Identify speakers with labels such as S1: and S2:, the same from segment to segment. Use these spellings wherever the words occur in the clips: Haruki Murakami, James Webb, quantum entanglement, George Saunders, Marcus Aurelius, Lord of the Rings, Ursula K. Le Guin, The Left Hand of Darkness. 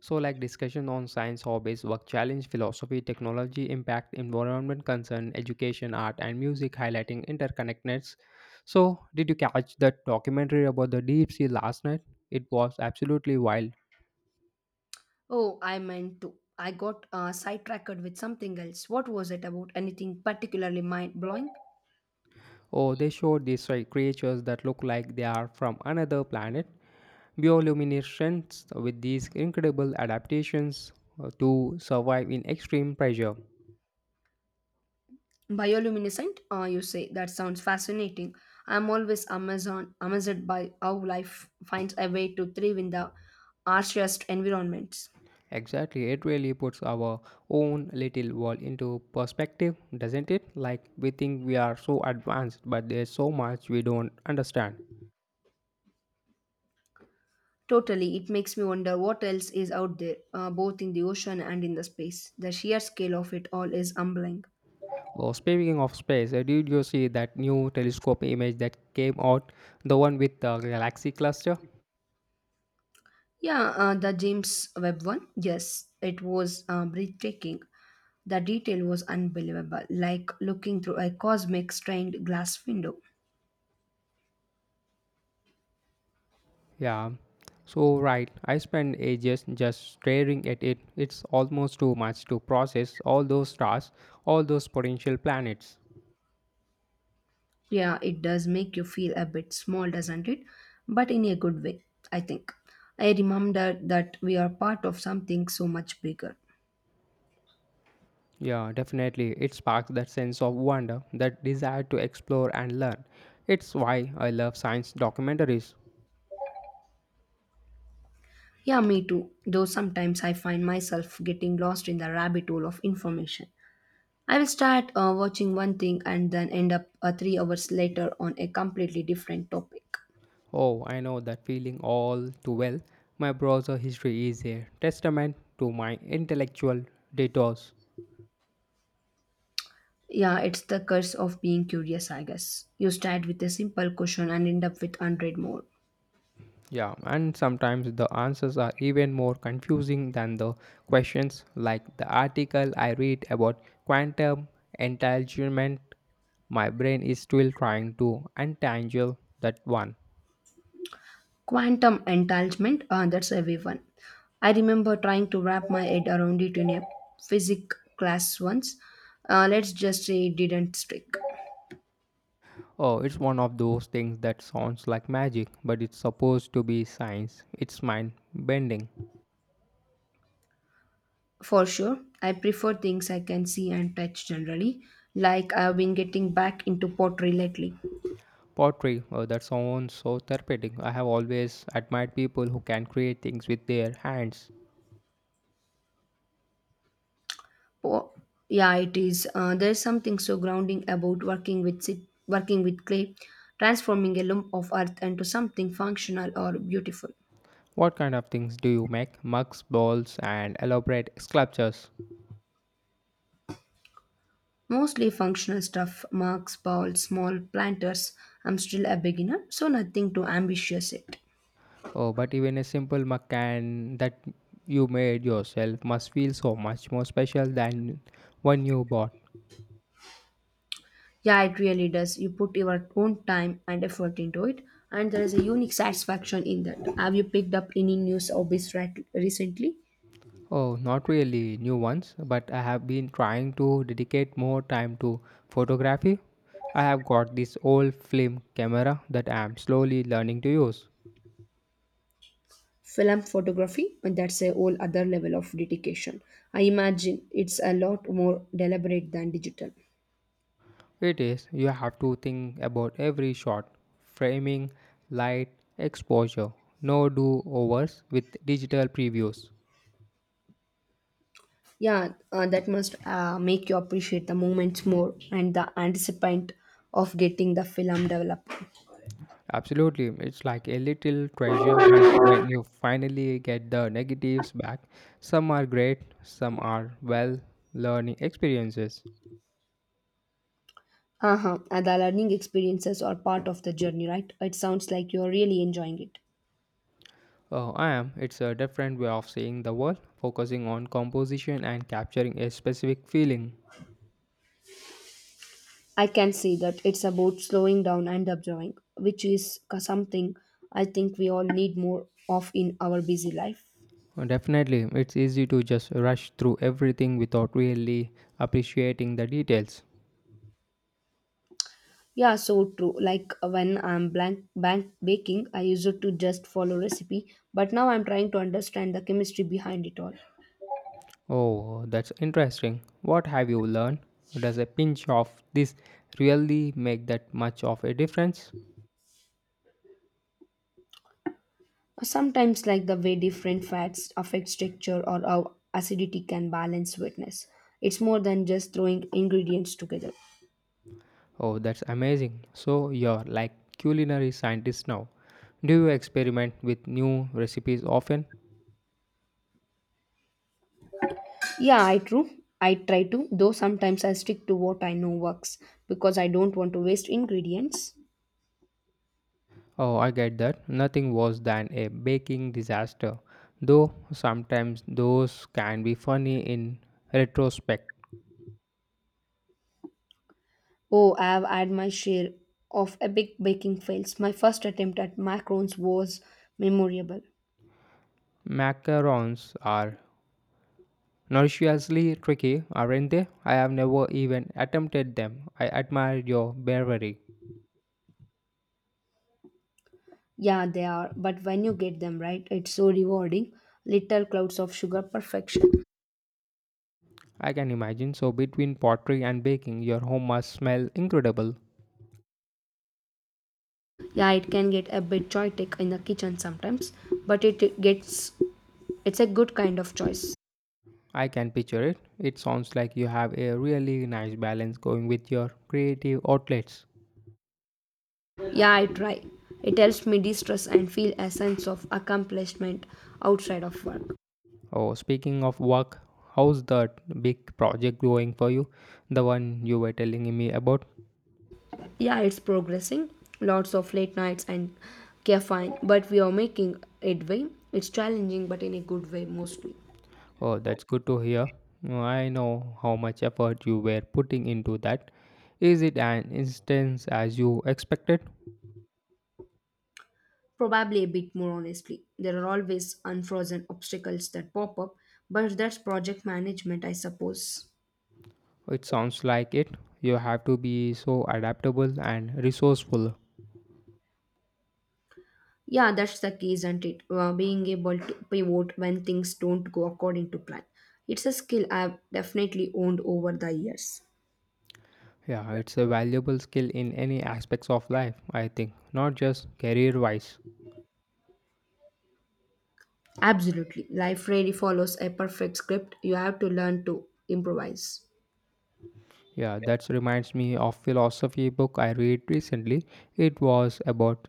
S1: So, like discussion on science hobbies, work challenge, philosophy, technology, impact, environment concern, education, art, and music, highlighting interconnectedness. So, did you catch that documentary about the deep sea last night? It was absolutely wild.
S2: Oh, I meant to. I got sidetracked with something else. What was it about? Anything particularly mind blowing?
S1: Oh, they showed these like, creatures that look like they are from another planet, bioluminescents with these incredible adaptations to survive in extreme pressure.
S2: Bioluminescent? You say that sounds fascinating. I'm always Amazon amazed by how life finds a way to thrive in the harshest environments.
S1: Exactly, it really puts our own little world into perspective, doesn't it? Like we think we are so advanced, but there's so much we don't understand.
S2: Totally, it makes me wonder what else is out there, both in the ocean and in the space. The sheer scale of it all is humbling.
S1: Well, speaking of space, did you see that new telescope image that came out? The one with the galaxy cluster?
S2: Yeah, the James Webb one. Yes, it was breathtaking. The detail was unbelievable, like looking through a cosmic stained glass window.
S1: Yeah. So, right, I spent ages just staring at it. It's almost too much to process all those stars, all those potential planets.
S2: Yeah, it does make you feel a bit small, doesn't it? But in a good way, I think. I remember that we are part of something so much bigger.
S1: Yeah, definitely. It sparks that sense of wonder, that desire to explore and learn. It's why I love science documentaries.
S2: Yeah, me too. Though sometimes I find myself getting lost in the rabbit hole of information. I will start watching one thing and then end up 3 hours later on a completely different topic.
S1: Oh, I know that feeling all too well. My browser history is a testament to my intellectual detours.
S2: Yeah, it's the curse of being curious, I guess. You start with a simple question and end up with 100 more.
S1: Yeah, and sometimes the answers are even more confusing than the questions, like the article I read about quantum entanglement. My brain is still trying to untangle that one.
S2: Quantum entanglement, that's a heavy one. I remember trying to wrap my head around it in a physics class once. Let's just say it didn't stick.
S1: Oh, it's one of those things that sounds like magic, but it's supposed to be science. It's mind bending.
S2: For sure, I prefer things I can see and touch generally, like I've been getting back into pottery lately.
S1: Pottery, oh, that sounds so therapeutic. I have always admired people who can create things with their hands.
S2: Oh, yeah, it is. There's something so grounding about working with clay, transforming a lump of earth into something functional or beautiful.
S1: What kind of things do you make? Mugs, balls, and elaborate sculptures.
S2: Mostly functional stuff, marks, balls, small planters. I'm still a beginner, so nothing too ambitious yet.
S1: Oh, but even a simple mug can that you made yourself must feel so much more special than one you bought.
S2: Yeah, it really does. You put your own time and effort into it, and there is a unique satisfaction in that. Have you picked up any new hobbies right recently?
S1: Oh, not really new ones, but I have been trying to dedicate more time to photography. I have got this old film camera that I am slowly learning to use.
S2: Film photography, and that's a whole other level of dedication. I imagine it's a lot more deliberate than digital.
S1: It is, you have to think about every shot, framing, light, exposure, no do overs with digital previews.
S2: Yeah, that must make you appreciate the moments more and the anticipant of getting the film developed.
S1: Absolutely, it's like a little treasure hunt when you finally get the negatives back. Some are great, some are well learning experiences.
S2: Uh-huh, and the learning experiences are part of the journey, right? It sounds like you're really enjoying it.
S1: Oh, I am. It's a different way of seeing the world, focusing on composition and capturing a specific feeling.
S2: I can see that. It's about slowing down and observing, which is something I think we all need more of in our busy life.
S1: Definitely, it's easy to just rush through everything without really appreciating the details.
S2: Yeah, so true. Like when I'm blank bank baking, I used to just follow recipe, but now I'm trying to understand the chemistry behind it all.
S1: Oh, that's interesting. What have you learned? Does a pinch of this really make that much of a difference?
S2: Sometimes like the way different fats affect texture or how acidity can balance sweetness. It's more than just throwing ingredients together.
S1: Oh, that's amazing. So, you're like culinary scientist now. Do you experiment with new recipes often?
S2: Yeah, I true. I try to, though sometimes I stick to what I know works because I don't want to waste ingredients.
S1: Oh, I get that. Nothing worse than a baking disaster, though sometimes those can be funny in retrospect.
S2: Oh, I've had my share of epic baking fails. My first attempt at macarons was memorable.
S1: Macarons are notoriously tricky, aren't they? I have never even attempted them. I admire your bravery.
S2: Yeah, they are, but when you get them right, it's so rewarding. Little clouds of sugar perfection.
S1: I can imagine. So, between pottery and baking, your home must smell incredible.
S2: Yeah, it can get a bit chaotic in the kitchen sometimes, but it's a good kind of choice.
S1: I can picture it. It sounds like you have a really nice balance going with your creative outlets.
S2: Yeah, I try. It helps me de-stress and feel a sense of accomplishment outside of work.
S1: Oh, speaking of work, how's that big project going for you? The one you were telling me about?
S2: Yeah, it's progressing. Lots of late nights and caffeine, but we are making headway. It's challenging, but in a good way mostly.
S1: Oh, that's good to hear. I know how much effort you were putting into that. Is it an instance as you expected?
S2: Probably a bit more honestly. There are always unfrozen obstacles that pop up, but that's project management, I suppose.
S1: It sounds like it. You have to be so adaptable and resourceful.
S2: Yeah, that's the key, isn't it? Being able to pivot when things don't go according to plan. It's a skill I've definitely owned over the years.
S1: Yeah, it's a valuable skill in any aspects of life, I think, not just career wise.
S2: Absolutely. Life rarely follows a perfect script. You have to learn to improvise.
S1: Yeah, that reminds me of philosophy book I read recently. It was about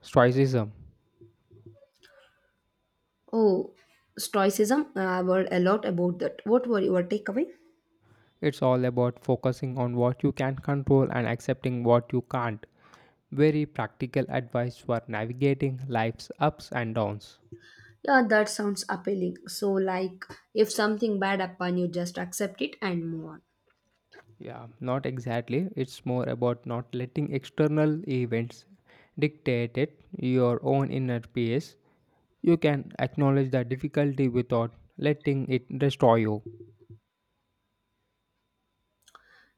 S1: stoicism.
S2: Oh, stoicism. I've heard a lot about that. What were your takeaway?
S1: It's all about focusing on what you can control and accepting what you can't. Very practical advice for navigating life's ups and downs.
S2: Yeah, that sounds appealing. So, like, if something bad happen, you just accept it and move on.
S1: Yeah, not exactly. It's more about not letting external events dictate it, your own inner peace. You can acknowledge the difficulty without letting it destroy you.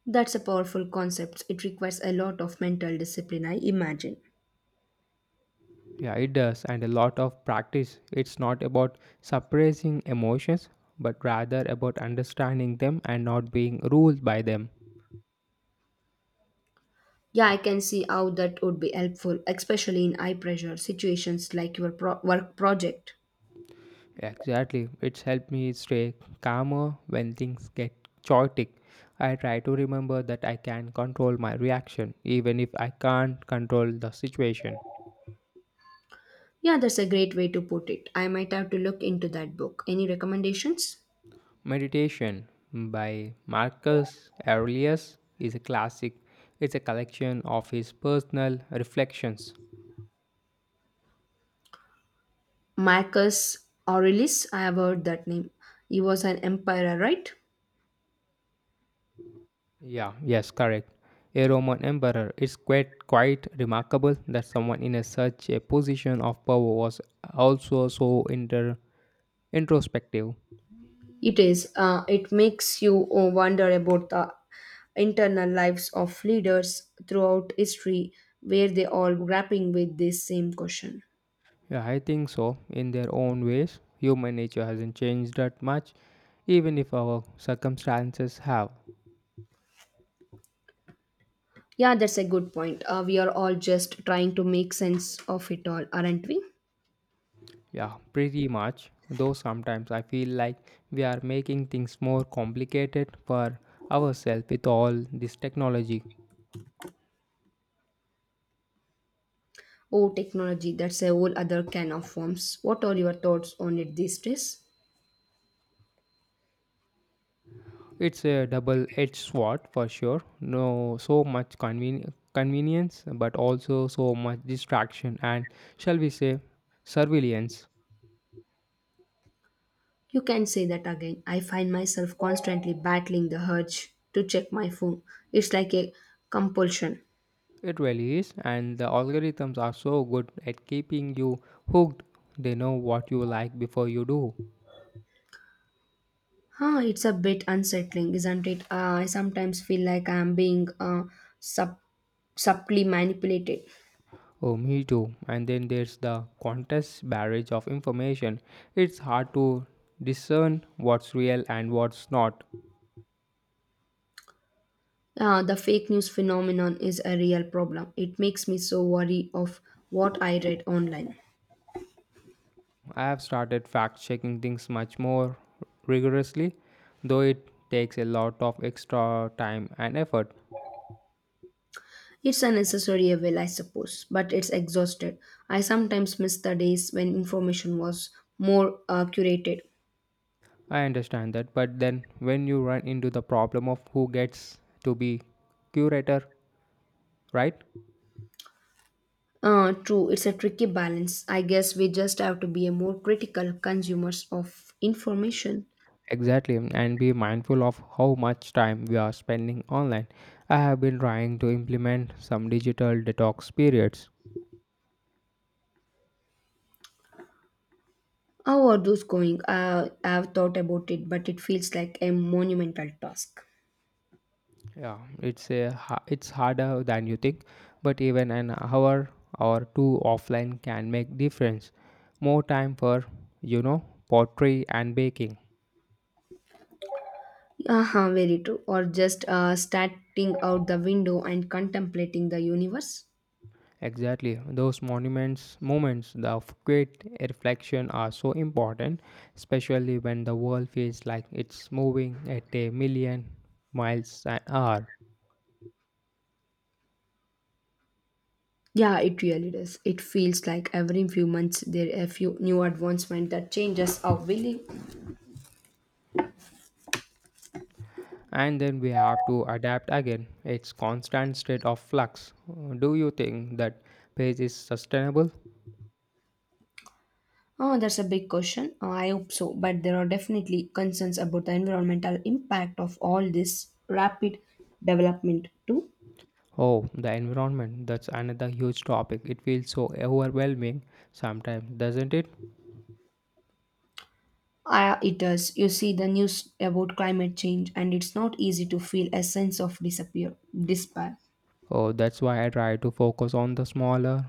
S2: That's a powerful concept. It requires a lot of mental discipline, I imagine.
S1: Yeah, it does, and a lot of practice. It's not about suppressing emotions, but rather about understanding them and not being ruled by them.
S2: Yeah, I can see how that would be helpful, especially in high pressure situations like your work project.
S1: Exactly. It's helped me stay calmer when things get chaotic. I try to remember that I can control my reaction, even if I can't control the situation.
S2: Yeah, that's a great way to put it. I might have to look into that book. Any recommendations?
S1: Meditation by Marcus Aurelius is a classic. It's a collection of his personal reflections.
S2: Marcus Aurelius, I have heard that name. He was an emperor, right?
S1: Yeah, yes, correct. A Roman emperor. It's quite remarkable that someone in a such a position of power was also so inter introspective.
S2: It is. It makes you wonder about the internal lives of leaders throughout history, where they all grappling with this same question.
S1: Yeah, I think so. In their own ways, human nature hasn't changed that much, even if our circumstances have.
S2: Yeah, that's a good point. We are all just trying to make sense of it all, aren't we?
S1: Yeah, pretty much. Though sometimes I feel like we are making things more complicated for ourselves with all this technology.
S2: Oh, technology, that's a whole other can of worms. What are your thoughts on it these days?
S1: It's a double-edged sword for sure. No, so much convenience, but also so much distraction and, shall we say, surveillance.
S2: You can say that again. I find myself constantly battling the urge to check my phone. It's like a compulsion.
S1: It really is, and the algorithms are so good at keeping you hooked. They know what you like before you do.
S2: Huh, it's a bit unsettling, isn't it? I sometimes feel like I'm being sub- subtly manipulated.
S1: Oh, me too. And then there's the contest barrage of information. It's hard to discern what's real and what's not.
S2: The fake news phenomenon is a real problem. It makes me so worried of what I read online.
S1: I have started fact checking things much more rigorously, though it takes a lot of extra time and effort.
S2: It's a necessary evil, I suppose, but it's exhausted. I sometimes miss the days when information was more curated.
S1: I understand that, but then when you run into the problem of who gets to be curator, right?
S2: True, it's a tricky balance. I guess we just have to be a more critical consumers of information.
S1: Exactly, and be mindful of how much time we are spending online. I have been trying to implement some digital detox periods.
S2: How are those going? I've thought about it, but it feels like a monumental task.
S1: It's harder than you think, but even an hour or two offline can make difference. More time for, you know, pottery and baking.
S2: Uh-huh, very true. Or just starting out the window and contemplating the universe.
S1: Exactly. Those monuments moments the of great reflection are so important, especially when the world feels like it's moving at a million miles an hour.
S2: Yeah, it really does. It feels like every few months there are a few new advancement that changes how we live.
S1: And then we have to adapt again. It's constant state of flux. Do you think that pace is sustainable?
S2: Oh, that's a big question. Oh, I hope so, but there are definitely concerns about the environmental impact of all this rapid development too.
S1: Oh, the environment, that's another huge topic. It feels so overwhelming sometimes, doesn't it?
S2: Ah, it does. You see the news about climate change, and it's not easy to feel a sense of disappear despair.
S1: Oh, that's why I try to focus on the smaller,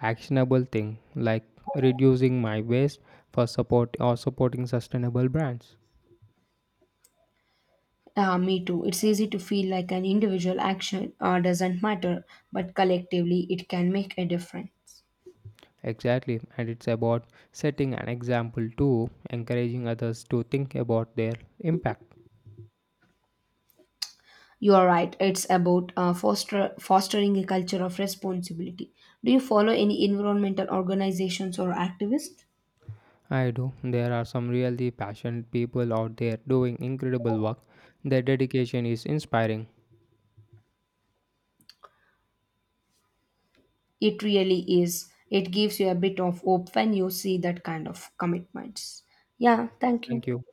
S1: actionable thing like reducing my waste for support or supporting sustainable brands.
S2: Ah, me too. It's easy to feel like an individual action doesn't matter, but collectively it can make a difference.
S1: Exactly, and it's about setting an example too, encouraging others to think about their impact.
S2: You are right. It's about fostering a culture of responsibility. Do you follow any environmental organizations or activists?
S1: I do. There are some really passionate people out there doing incredible work. Their dedication is inspiring.
S2: It really is. It gives you a bit of hope when you see that kind of commitments. Yeah, thank you.
S1: Thank you.